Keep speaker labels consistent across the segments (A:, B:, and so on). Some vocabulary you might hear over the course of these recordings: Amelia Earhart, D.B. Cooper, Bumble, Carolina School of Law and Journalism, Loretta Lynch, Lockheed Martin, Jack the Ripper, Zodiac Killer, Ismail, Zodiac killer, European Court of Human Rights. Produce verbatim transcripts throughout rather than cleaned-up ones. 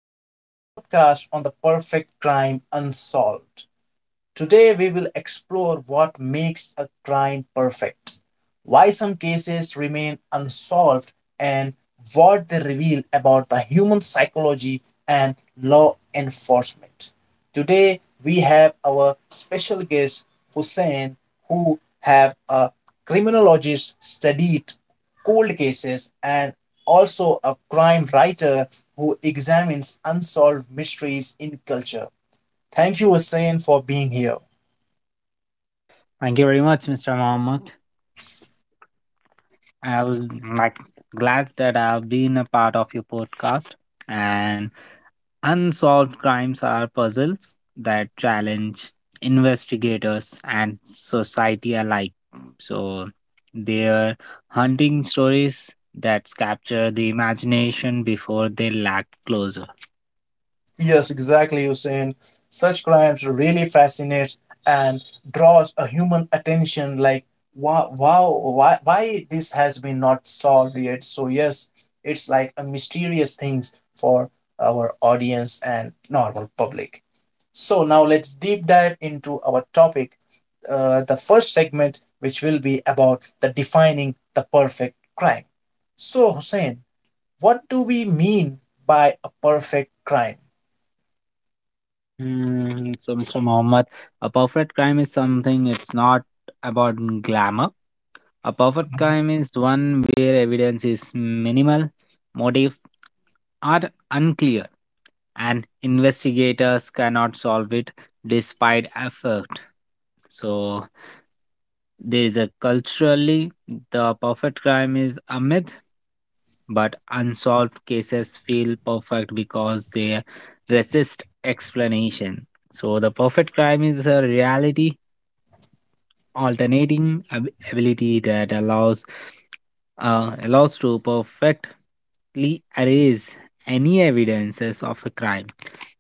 A: to our podcast on the perfect crime unsolved. Today, we will explore what makes a crime perfect, why some cases remain unsolved, and what they reveal about the human psychology and law enforcement. Today, we have our special guest, Hussein, who have a criminologist studied cold cases and also a crime writer who examines unsolved mysteries in culture. Thank you, Hussein, for being here.
B: Thank you very much, mister Mohammed. I'm like glad that I've been a part of your podcast. And unsolved crimes are puzzles that challenge investigators and society alike. So they're hunting stories that capture the imagination before they lack closure.
A: Yes, exactly, Hussein. Such crimes really fascinates and draws a human attention like wow wow, why why this has been not solved yet. So yes, it's like a mysterious things for our audience and normal public. So now let's deep dive into our topic. Uh, the first segment, which will be about the defining the perfect crime. So Hussein, what do we mean by a perfect crime?
B: Hmm, so, mister Mohammed, a perfect crime is something. It's not about glamour. A perfect crime is one where evidence is minimal, motive are unclear, and investigators cannot solve it despite effort. So, there is a culturally the perfect crime is a myth, but unsolved cases feel perfect because they resist explanation. So, the perfect crime is a reality alternating ab- ability that allows uh, allows to perfectly erase any evidences of a crime.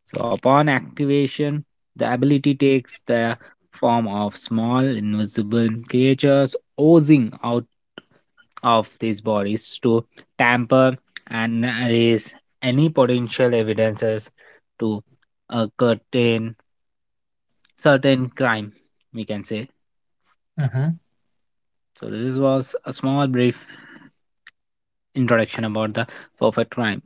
B: So, upon activation, the ability takes the form of small invisible creatures oozing out of these bodies to tamper and erase any potential evidences to a certain certain crime, we can say.
A: Uh-huh.
B: So this was a small brief introduction about the perfect crime.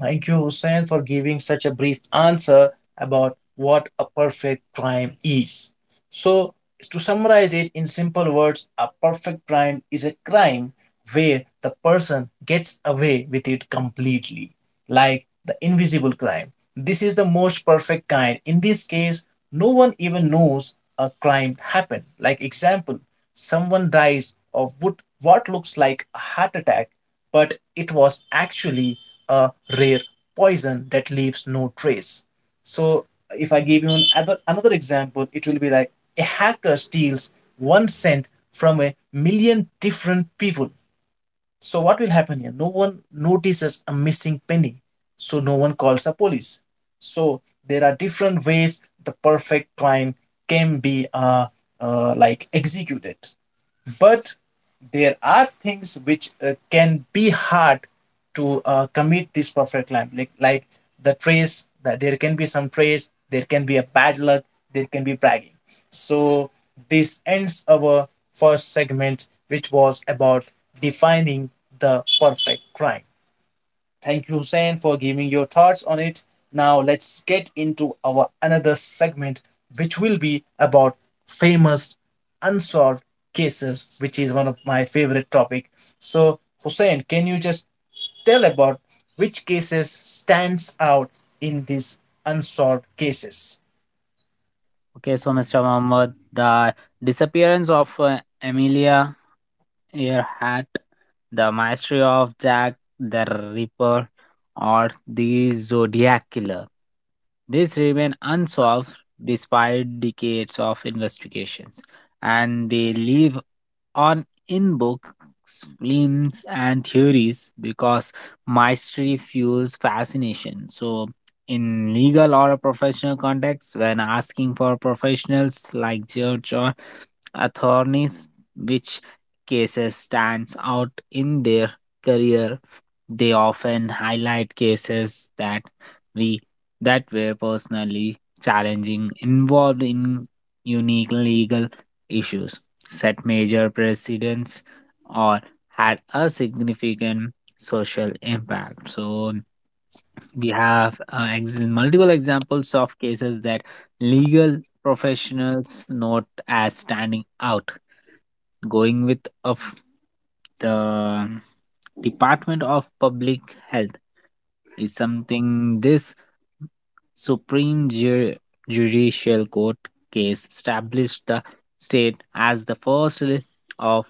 A: Thank you, Hussein, for giving such a brief answer about what a perfect crime is. So, to summarize it in simple words, a perfect crime is a crime where the person gets away with it completely. Like the invisible crime. This is the most perfect kind. In this case, no one even knows a crime happened. Like example, someone dies of what, what looks like a heart attack, but it was actually a rare poison that leaves no trace. So if I give you another another example, it will be like a hacker steals one cent from a million different people. So what will happen here? No one notices a missing penny, so no one calls the police. So there are different ways the perfect crime can be, uh, uh, like, executed. But there are things which uh, can be hard to uh, commit this perfect line, like like the trace. That there can be some trace, there can be a bad luck, there can be bragging. So this ends our first segment, which was about defining the perfect crime. Thank you, Hussein, for giving your thoughts on it. Now let's get into our another segment, which will be about famous unsolved cases, which is one of my favorite topic. So Hussein, can you just tell about which cases stands out in these unsolved cases?
B: Okay, so mister Mohammed, the disappearance of uh, Amelia Earhart, the mystery of Jack the Ripper, or the Zodiac Killer. These remain unsolved despite decades of investigations, and they leave on in books, films, and theories because mastery fuels fascination. So, in legal or a professional context, when asking for professionals like judge or attorneys, which cases stands out in their career, they often highlight cases that we that were personally challenging, involved in unique legal issues, set major precedents, or had a significant social impact. So we have uh, ex- multiple examples of cases that legal professionals note as standing out going with of the Department of Public Health is something. This Supreme Ju- Judicial Court case established the state as the first le- of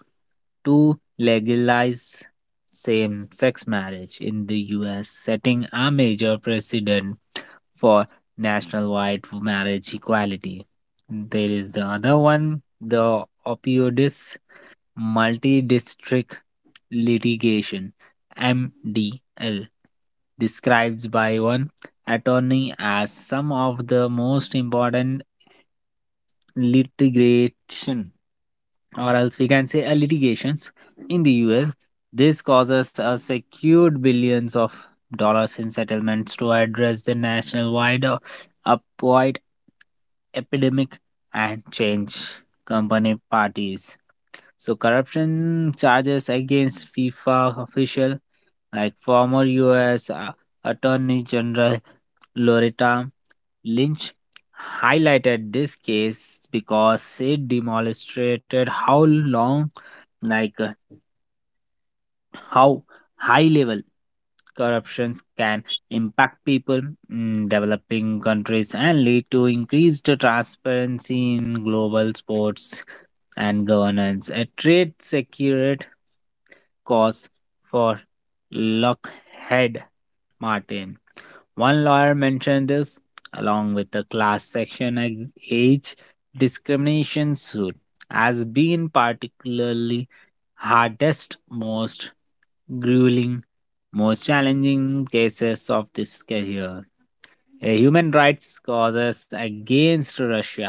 B: to legalize same sex marriage in the U S, setting a major precedent for nationwide marriage equality. There is the other one, the opioids Multi-district litigation (M D L) described by one attorney as some of the most important litigation, or else we can say a litigations, in the U S. This causes a secured billions of dollars in settlements to address the national wide uh, opioid epidemic and change company parties. So corruption charges against FIFA official like former U S uh, Attorney General Loretta Lynch highlighted this case because it demonstrated how long, like uh, how high level corruptions can impact people in developing countries and lead to increased transparency in global sports and governance. A trade secured cause for Lockheed Martin. One lawyer mentioned this, along with the class section ag- age discrimination suit, as being particularly hardest, most grueling, most challenging cases of this career. Uh, human rights causes against Russia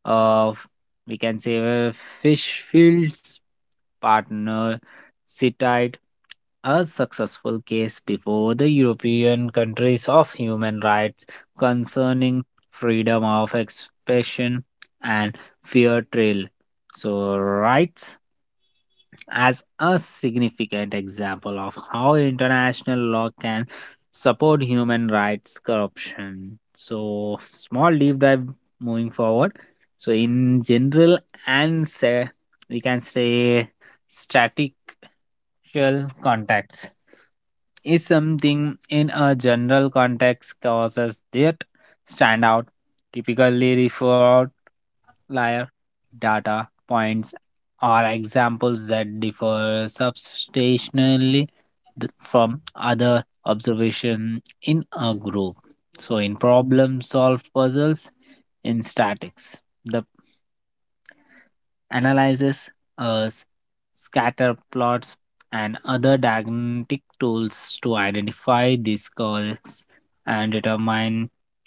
B: of, we can say, uh, Fishfield's partner cited a successful case before the European countries of human rights concerning freedom of expression and fair trial. So rights as a significant example of how international law can support human rights corruption. So, small deep dive moving forward. So, in general, and say we can say statistical contacts is something. In a general context, causes that stand out typically referred layer data points are examples that differ substantially th- from other observation in a group. So in problem solve puzzles in statics, the analyzes uh, scatter plots and other diagnostic tools to identify these causes and determine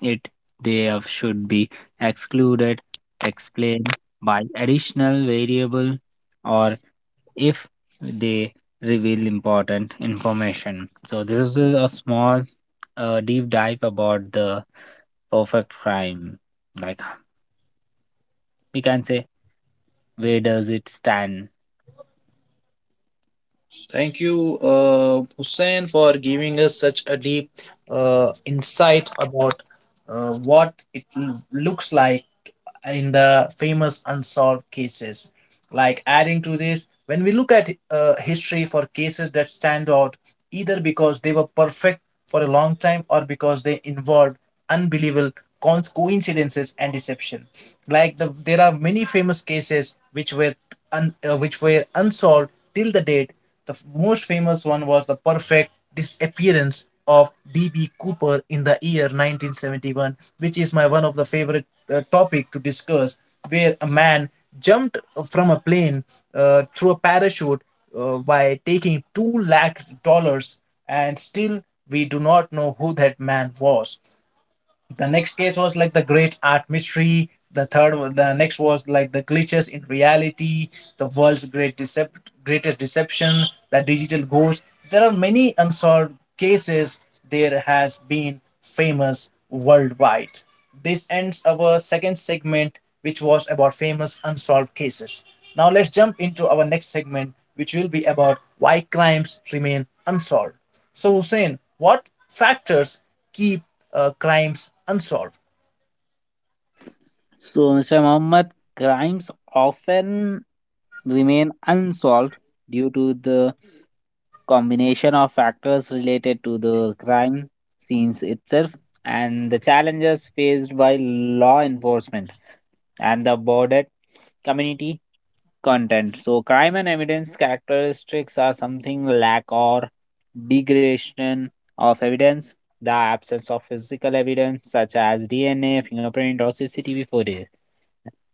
B: if they have- should be excluded, explained by additional variable, or if they reveal important information. So this is a small uh, deep dive about the perfect crime. Like we can say, where does it stand?
A: Thank you, uh, Hussein, for giving us such a deep uh, insight about uh, what it l- looks like in the famous unsolved cases. Like adding to this, when we look at uh, history for cases that stand out, either because they were perfect for a long time or because they involved unbelievable con- coincidences and deception. Like the, there are many famous cases which were un, uh, which were unsolved till the date. The f- most famous one was the perfect disappearance of D B. Cooper in the year nineteen seventy-one, which is my one of the favorite uh, topic to discuss, where a man jumped from a plane uh, through a parachute uh, by taking two lakh dollars, and still we do not know who that man was. The next case was like the great art mystery. The third the next was like the glitches in reality, the world's great decept greatest deception, the digital ghost. There are many unsolved cases. There has been famous worldwide. This ends our second segment, which was about famous unsolved cases. Now let's jump into our next segment, which will be about why crimes remain unsolved. So Hussein, what factors keep uh, crimes unsolved?
B: So, mister Muhammad, crimes often remain unsolved due to the combination of factors related to the crime scenes itself and the challenges faced by law enforcement and the bordered community content. So, crime and evidence characteristics are something. Lack or degradation of evidence, the absence of physical evidence such as D N A, fingerprint, or C C T V footage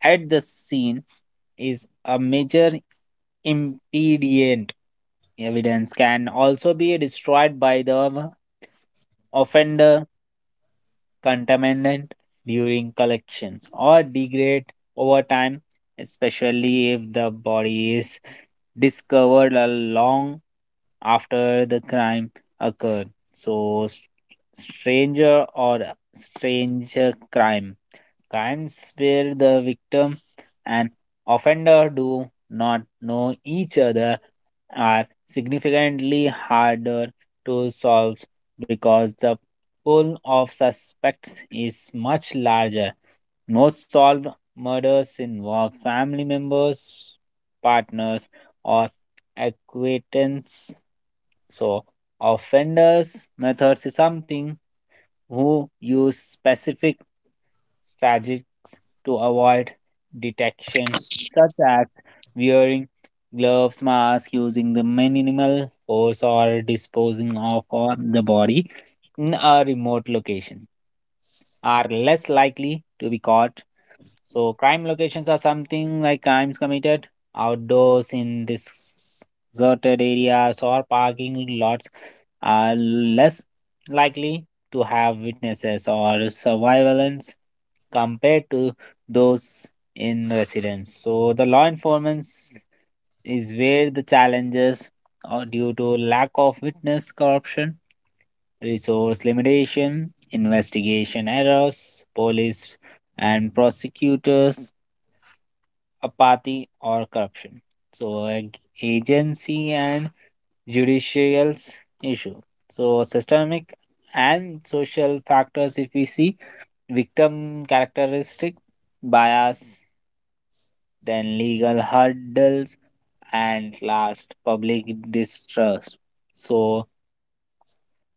B: at the scene, is a major impedient. Evidence can also be destroyed by the offender contaminant during collections or degrade over time, especially if the body is discovered a long after the crime occurred. So s- stranger or uh, stranger crime crimes where the victim and offender do not know each other are significantly harder to solve because the pool of suspects is much larger. Most solved murders involve family members, partners, or acquaintance. So, offenders' methods is something. Who use specific strategies to avoid detection, such as wearing gloves, masks, using the minimal force, or disposing of uh, the body in a remote location, are less likely to be caught. So crime locations are something like crimes committed outdoors in deserted areas or parking lots are less likely to have witnesses or surveillance compared to those in residence. So the law enforcement is where the challenges are due to lack of witness corruption, resource limitation, investigation errors, police and prosecutors apathy or corruption. So ag- agency and judicial's issue. So systemic and social factors, if we see victim characteristic, bias, then legal hurdles, and last, public distrust. So,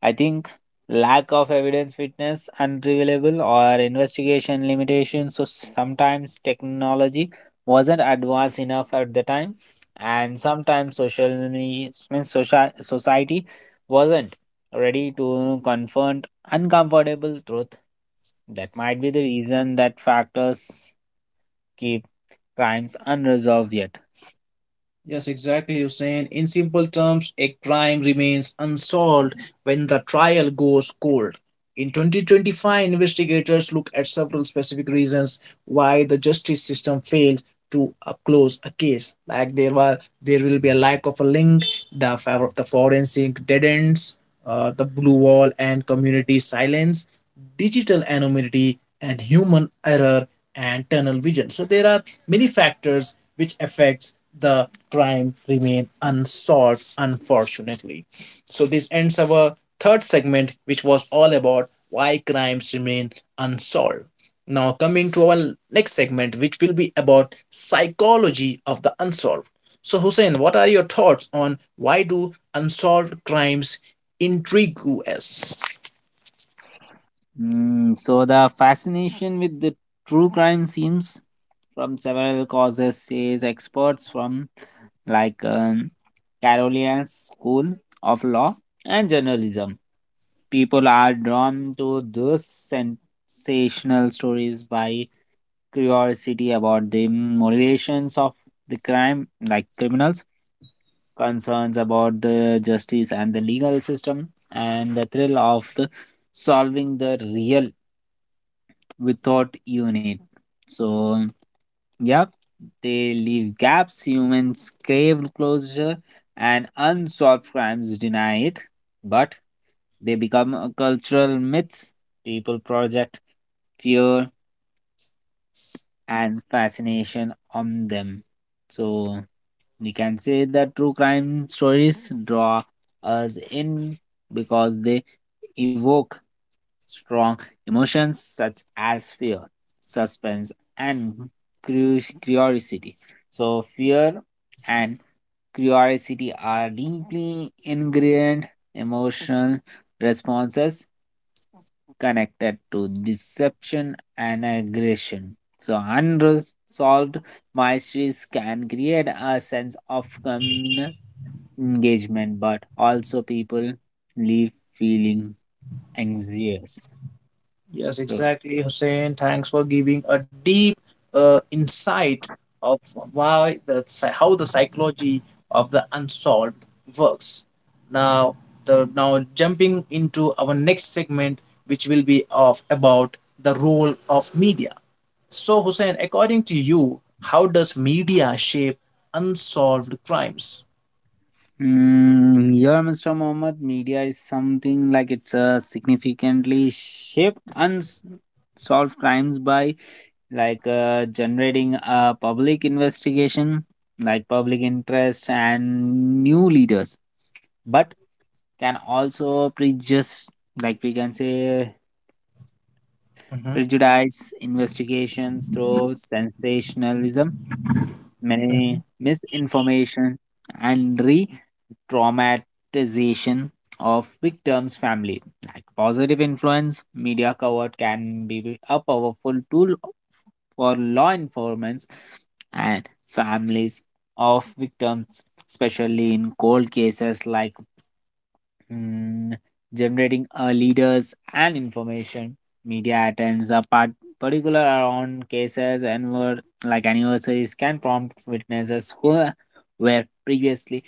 B: I think lack of evidence, witness, unreliable, or investigation limitations. So sometimes technology wasn't advanced enough at the time, and sometimes social means social society wasn't ready to confront uncomfortable truth. That might be the reason that factors keep crimes unresolved yet.
A: Yes, exactly, Hussein. In simple terms, a crime remains unsolved when the trial goes cold. In twenty twenty-five, investigators look at several specific reasons why the justice system fails to uh, close a case. Like there were, there will be a lack of a link, the favor the forensic dead ends, uh, the blue wall and community silence, digital anonymity, and human error and tunnel vision. So there are many factors which affects the crime remain unsolved, unfortunately. So this ends our third segment, which was all about why crimes remain unsolved. Now coming to our next segment, which will be about psychology of the unsolved. So Hussein, what are your thoughts on why do unsolved crimes intrigue us?
B: Mm, so the fascination with the true crime seems from several causes, says experts from like um, Carolina School of Law and Journalism. People are drawn to those sensational stories by curiosity about the motivations of the crime, like criminals, concerns about the justice and the legal system, and the thrill of the solving the real without unit. So, yep, they leave gaps, humans crave closure, and unsolved crimes deny it. But they become a cultural myths. People project fear and fascination on them. So, we can say that true crime stories draw us in because they evoke strong emotions such as fear, suspense, and cru- curiosity. So, fear and curiosity are deeply ingrained emotional responses connected to deception and aggression. So, unresolved mysteries can create a sense of communal engagement, but also people leave feeling anxious.
A: Yes,
B: So,
A: exactly, Hussein. Thanks for giving a deep uh, insight of why the psy- how the psychology of the unsolved works. Now, the now jumping into our next segment, which will be of about the role of media. So, Hussein, according to you, how does media shape unsolved crimes?
B: Mm, yeah, mister Mohammed, media is something like it's a significantly shaped unsolved crimes by like uh, generating a public investigation, like public interest and new leaders, but can also prejudice, like we can say,
A: Mhm,
B: prejudice investigations through sensationalism mi-
A: mhm.
B: misinformation, and re traumatization of victims' family. Like positive influence, media cover can be a powerful tool for law enforcement and families of victims, especially in cold cases like. Mm, generating uh, leaders and information. Media attends a part particular around cases, and were like anniversaries, can prompt witnesses who were previously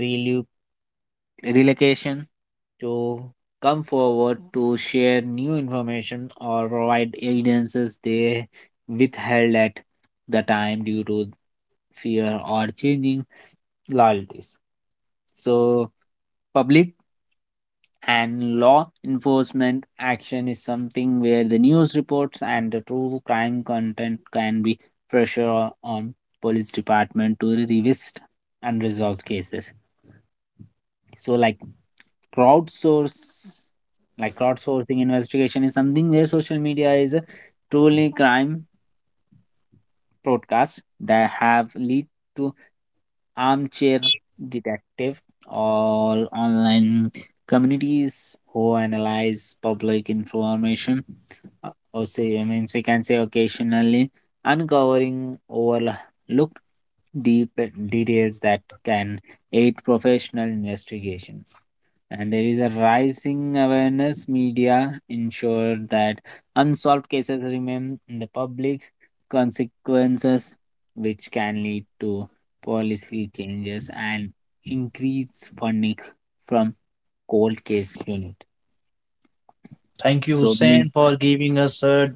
B: relu- relocation to come forward to share new information or provide evidences they withheld at the time due to fear or changing loyalties. So public and law enforcement action is something where the news reports and the true crime content can be pressure o- on police department to revisit unresolved cases. So like crowdsource like crowdsourcing investigation is something where social media is a truly crime podcasts that have led to armchair detective or online communities who analyze public information, uh, or say I means we can say occasionally uncovering overlooked deep details that can aid professional investigation. And there is a rising awareness media ensure that unsolved cases remain in the public consequences, which can lead to policy changes and increase funding from cold case unit.
A: Thank you,
B: So mm,
A: Hussein, for giving us a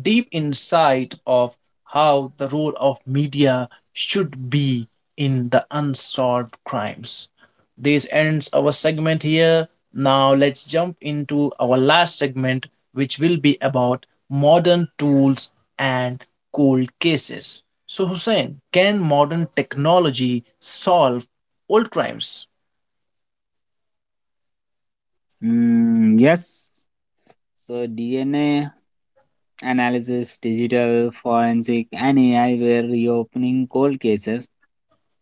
A: deep insight of how the role of media should be in the unsolved crimes. This ends our segment here. Now let's jump into our last segment, which will be about modern tools and cold cases. So, Hussein, can modern technology solve old crimes?
B: mm, yes. So D N A analysis, digital forensic, and A I were reopening cold cases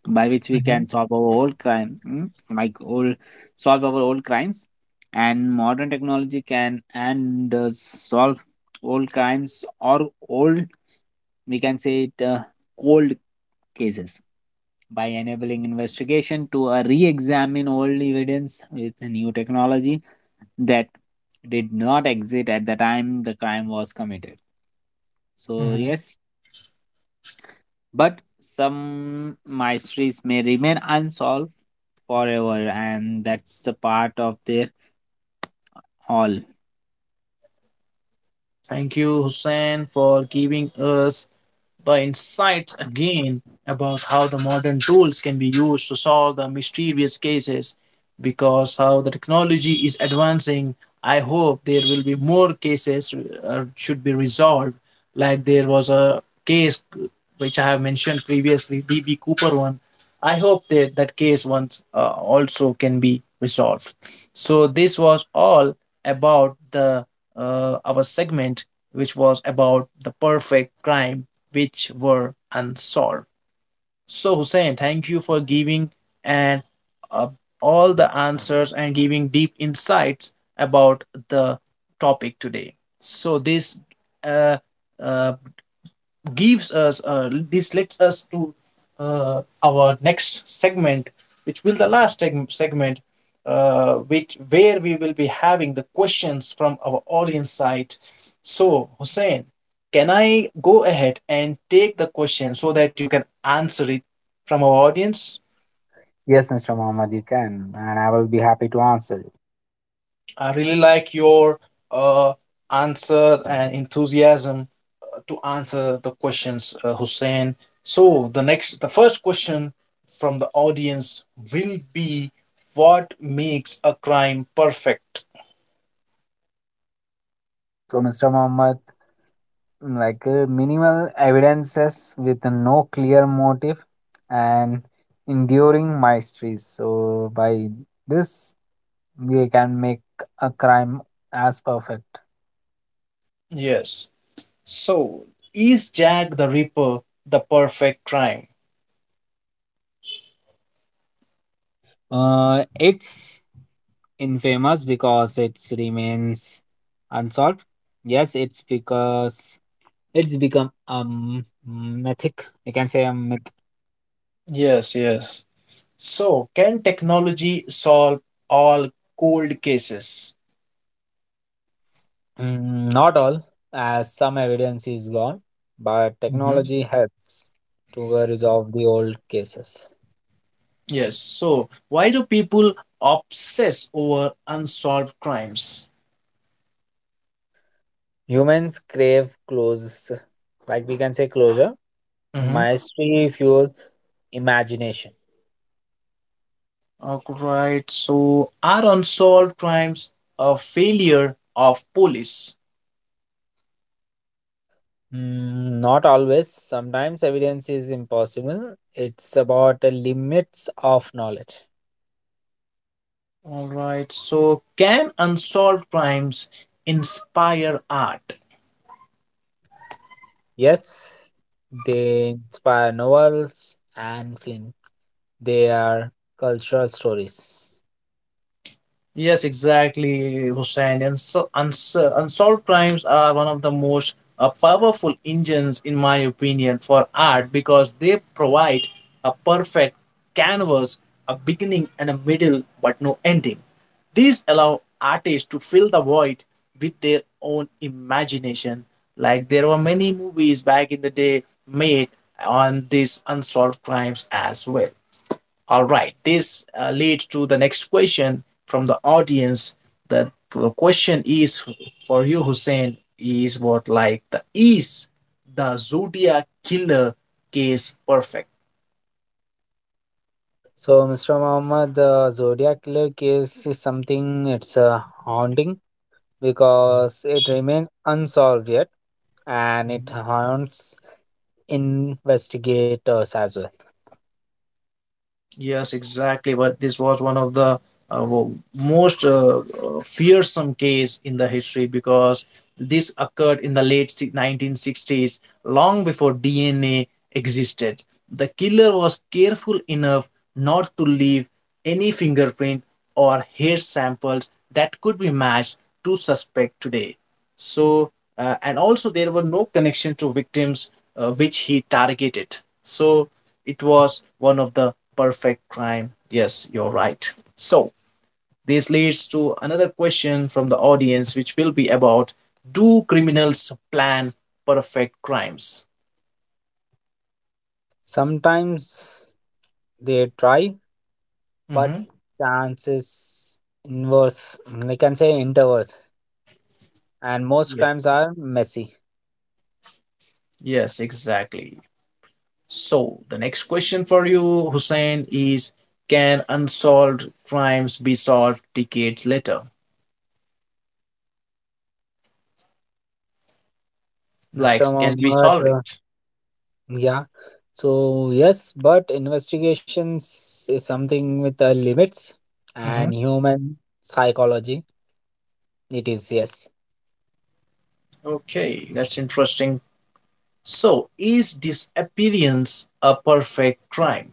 B: by which we
A: Mhm.
B: can solve our old crime, mm, like old solve our old crimes, and modern technology can and does solve old crimes, or old we can say it, uh, cold cases, by enabling investigation to uh, re-examine old evidence with new technology that did not exist at the time the crime was committed. So,
A: Mhm.
B: yes, but some mysteries may remain unsolved forever, and that's the part of their all.
A: Thank you, Hussein, for giving us the insights again about how the modern tools can be used to solve the mysterious cases, because how the technology is advancing, I hope there will be more cases uh, should be resolved. Like there was a case which I have mentioned previously, D B Cooper one. I hope that that case once uh, also can be resolved. So this was all about the uh, our segment, which was about the perfect crime which were unsolved. So, Hussein, thank you for giving and uh, all the answers and giving deep insights about the topic today. So, this uh, uh, gives us uh, this leads us to uh, our next segment, which will the last seg- segment uh, which where we will be having the questions from our audience side. So Hussein, can I go ahead and take the question so that you can answer it from our audience?
B: Yes, mister Mohammed, you can, and I will be happy to answer you.
A: I really like your uh, answer and enthusiasm to answer the questions, uh, Hussein. So the next, the first question from the audience will be, what makes a crime perfect?
B: So, mister Mohammed, mm, like uh, minimal evidences with no clear motive and enduring mysteries. So, by this, we can make a crime as perfect.
A: Yes. So is Jack the Ripper the perfect crime?
B: Uh, it's infamous because it remains unsolved. Yes, it's because it's become a mythic. You can say a myth.
A: Yes, yes. So can technology solve all cold cases?
B: Mm, not all, as some evidence is gone, but
A: Mhm.
B: technology helps to uh, resolve the old cases.
A: Yes. So why do people obsess over unsolved crimes?
B: Humans crave close, like we can say, closure.
A: Mhm.
B: Mystery fuels imagination.
A: Alright, so are unsolved crimes a failure of police?
B: Mm, not always. Sometimes evidence is impossible. It's about the limits of knowledge.
A: Alright, so can unsolved crimes inspire art?
B: Yes, they inspire novels and film. They are cultural stories.
A: Yes, exactly, Hussein. And so, uns- unsolved crimes are one of the most uh, powerful engines, in my opinion, for art because they provide a perfect canvas, a beginning and a middle, but no ending. These allow artists to fill the void with their own imagination. Like there were many movies back in the day made on these unsolved crimes as well. All right, this uh, leads to the next question from the audience. That the question is for you, Hussein, is what like the is the Zodiac killer case perfect?
B: So, mister Muhammad, the Zodiac Killer case is something. It's uh, haunting because it remains unsolved yet, and it haunts investigators as well.
A: Yes, exactly. But this was one of the uh, most uh, uh, fearsome case in the history, because this occurred in the late si- nineteen sixties, long before D N A existed. The killer was careful enough not to leave any fingerprint or hair samples that could be matched to suspect today. So, uh, and also there were no connection to victims uh, which he targeted. So, it was one of the perfect crime. Yes, you're right. So, this leads to another question from the audience, which will be about do criminals plan perfect crimes?
B: Sometimes they try, but
A: Mhm.
B: chance is inverse. Mm, I can say interverse, and most
A: Yeah.
B: crimes are messy.
A: Yes, exactly. So the next question for you, Hussein, is can unsolved crimes be solved decades later?
B: So,
A: Like,
B: mister
A: can we
B: Mohammed,
A: solve
B: uh,
A: it?
B: yeah. So yes, but investigations is something with uh, limits and
A: Mhm.
B: human psychology. It is yes.
A: Okay, that's interesting. So, is disappearance a perfect crime?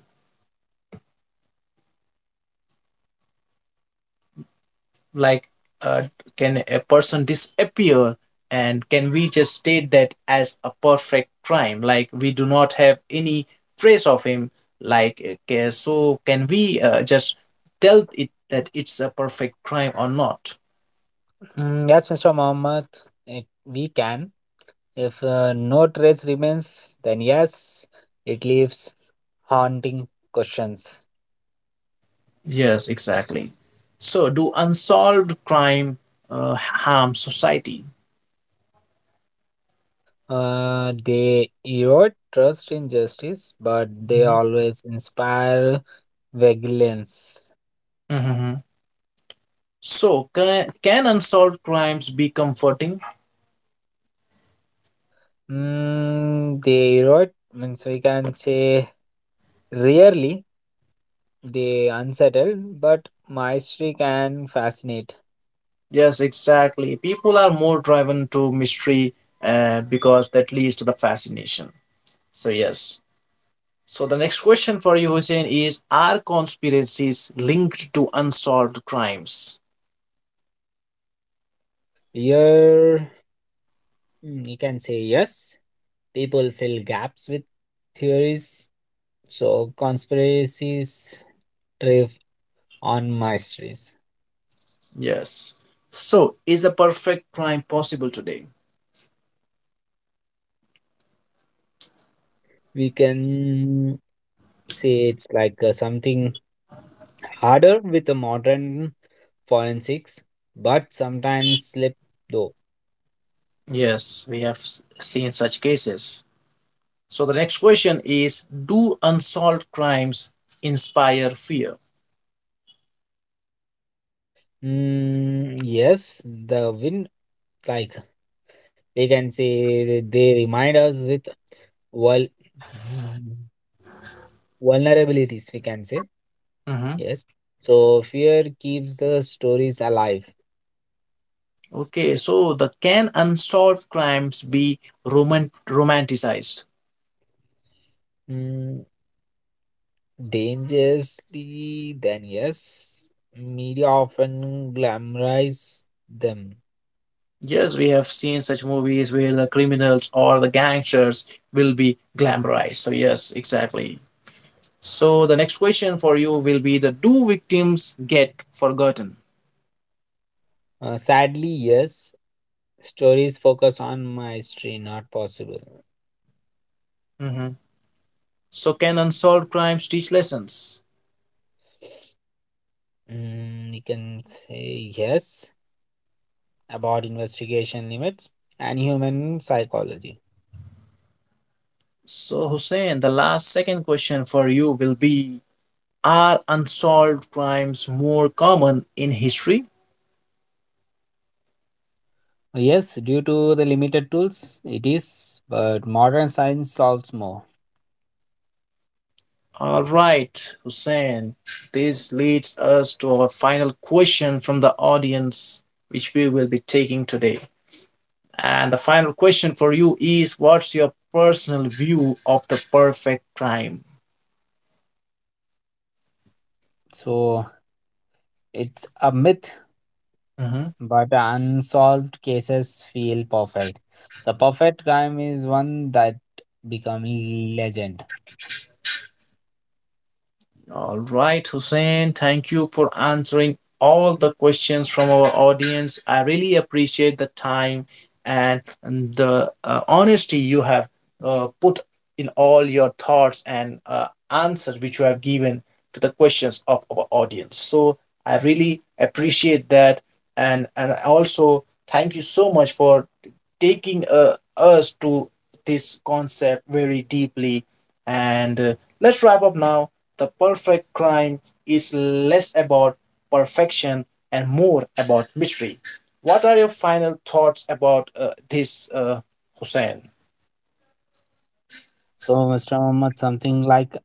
A: Like uh, can a person disappear, and can we just state that as a perfect crime? Like we do not have any trace of him, like uh, so can we uh, just tell it that it's a perfect crime or not?
B: Mm, yes, mister Mohammed, it, we can. If uh, no trace remains, then yes, it leaves haunting questions.
A: Yes, exactly. So do unsolved crime uh, harm society?
B: Uh, they erode trust in justice, but they
A: Mhm.
B: always inspire vigilance.
A: Mhm. So can, can unsolved crimes be comforting?
B: Mm, they erode, means we can say rarely they unsettle, but mastery can fascinate.
A: Yes, exactly. People are more driven to mystery uh, because that leads to the fascination. So, yes. So, the next question for you, Hussein, is are conspiracies linked to unsolved crimes?
B: Here, mm, you can say yes, people fill gaps with theories, so conspiracies thrive on masteries.
A: Yes. So, is a perfect crime possible today?
B: We can say it's like uh, something harder with the modern forensics, but sometimes slip though.
A: Yes, we have s- seen such cases. So, the next question is do unsolved crimes inspire fear?
B: Mm, yes, the wind, like we can say, that they remind us with vul- vulnerabilities. We can say
A: Mhm.
B: yes. So fear keeps the stories alive.
A: Okay, so the can unsolved crimes be roman- romanticized?
B: Mm, dangerously, then yes, media often glamorize them.
A: Yes, we have seen such movies where the criminals or the gangsters will be glamorized. So, yes, exactly. So, the next question for you will be the do victims get forgotten?
B: Uh, sadly, yes, stories focus on mystery, not possible.
A: Mhm. So, can unsolved crimes teach lessons?
B: Mm, you can say yes about investigation limits and human psychology.
A: So, Hussein, the last second question for you will be are unsolved crimes more common in history?
B: Yes, due to the limited tools, it is, but modern science solves more.
A: All right, Hussein. This leads us to our final question from the audience, which we will be taking today. And the final question for you is what's your personal view of the perfect crime?
B: So it's a myth,
A: Mhm.
B: but unsolved cases feel perfect. The perfect crime is one that become legend.
A: All right, Hussein, thank you for answering all the questions from our audience. I really appreciate the time and the uh, honesty you have uh, put in all your thoughts and uh, answers which you have given to the questions of our audience. So I really appreciate that, and and also thank you so much for taking uh, us to this concept very deeply. And uh, let's wrap up now. The perfect crime is less about perfection and more about mystery. What are your final thoughts about uh, this, uh, Hussein?
B: So, mister Muhammad, something like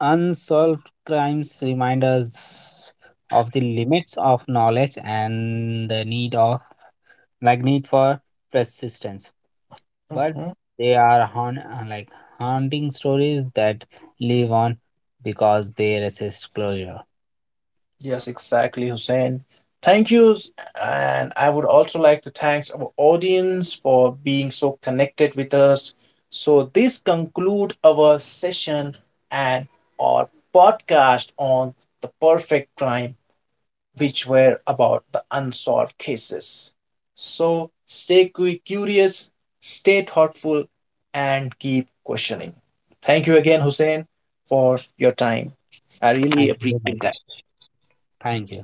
B: unsolved crimes remind us of the limits of knowledge and the need of, like, need for persistence. But
A: Mhm.
B: they are haunt, uh, like haunting stories that live on because they resist closure.
A: Yes, exactly, Hussein. Thank yous, and I would also like to thank our audience for being so connected with us. So this conclude our session and our podcast on the perfect crime, which were about the unsolved cases. So stay curious, stay thoughtful, and keep questioning. Thank you again, Hussein, for your time. I really
B: Thank you.
A: appreciate
B: Bye-bye.
A: that.
B: Thank you.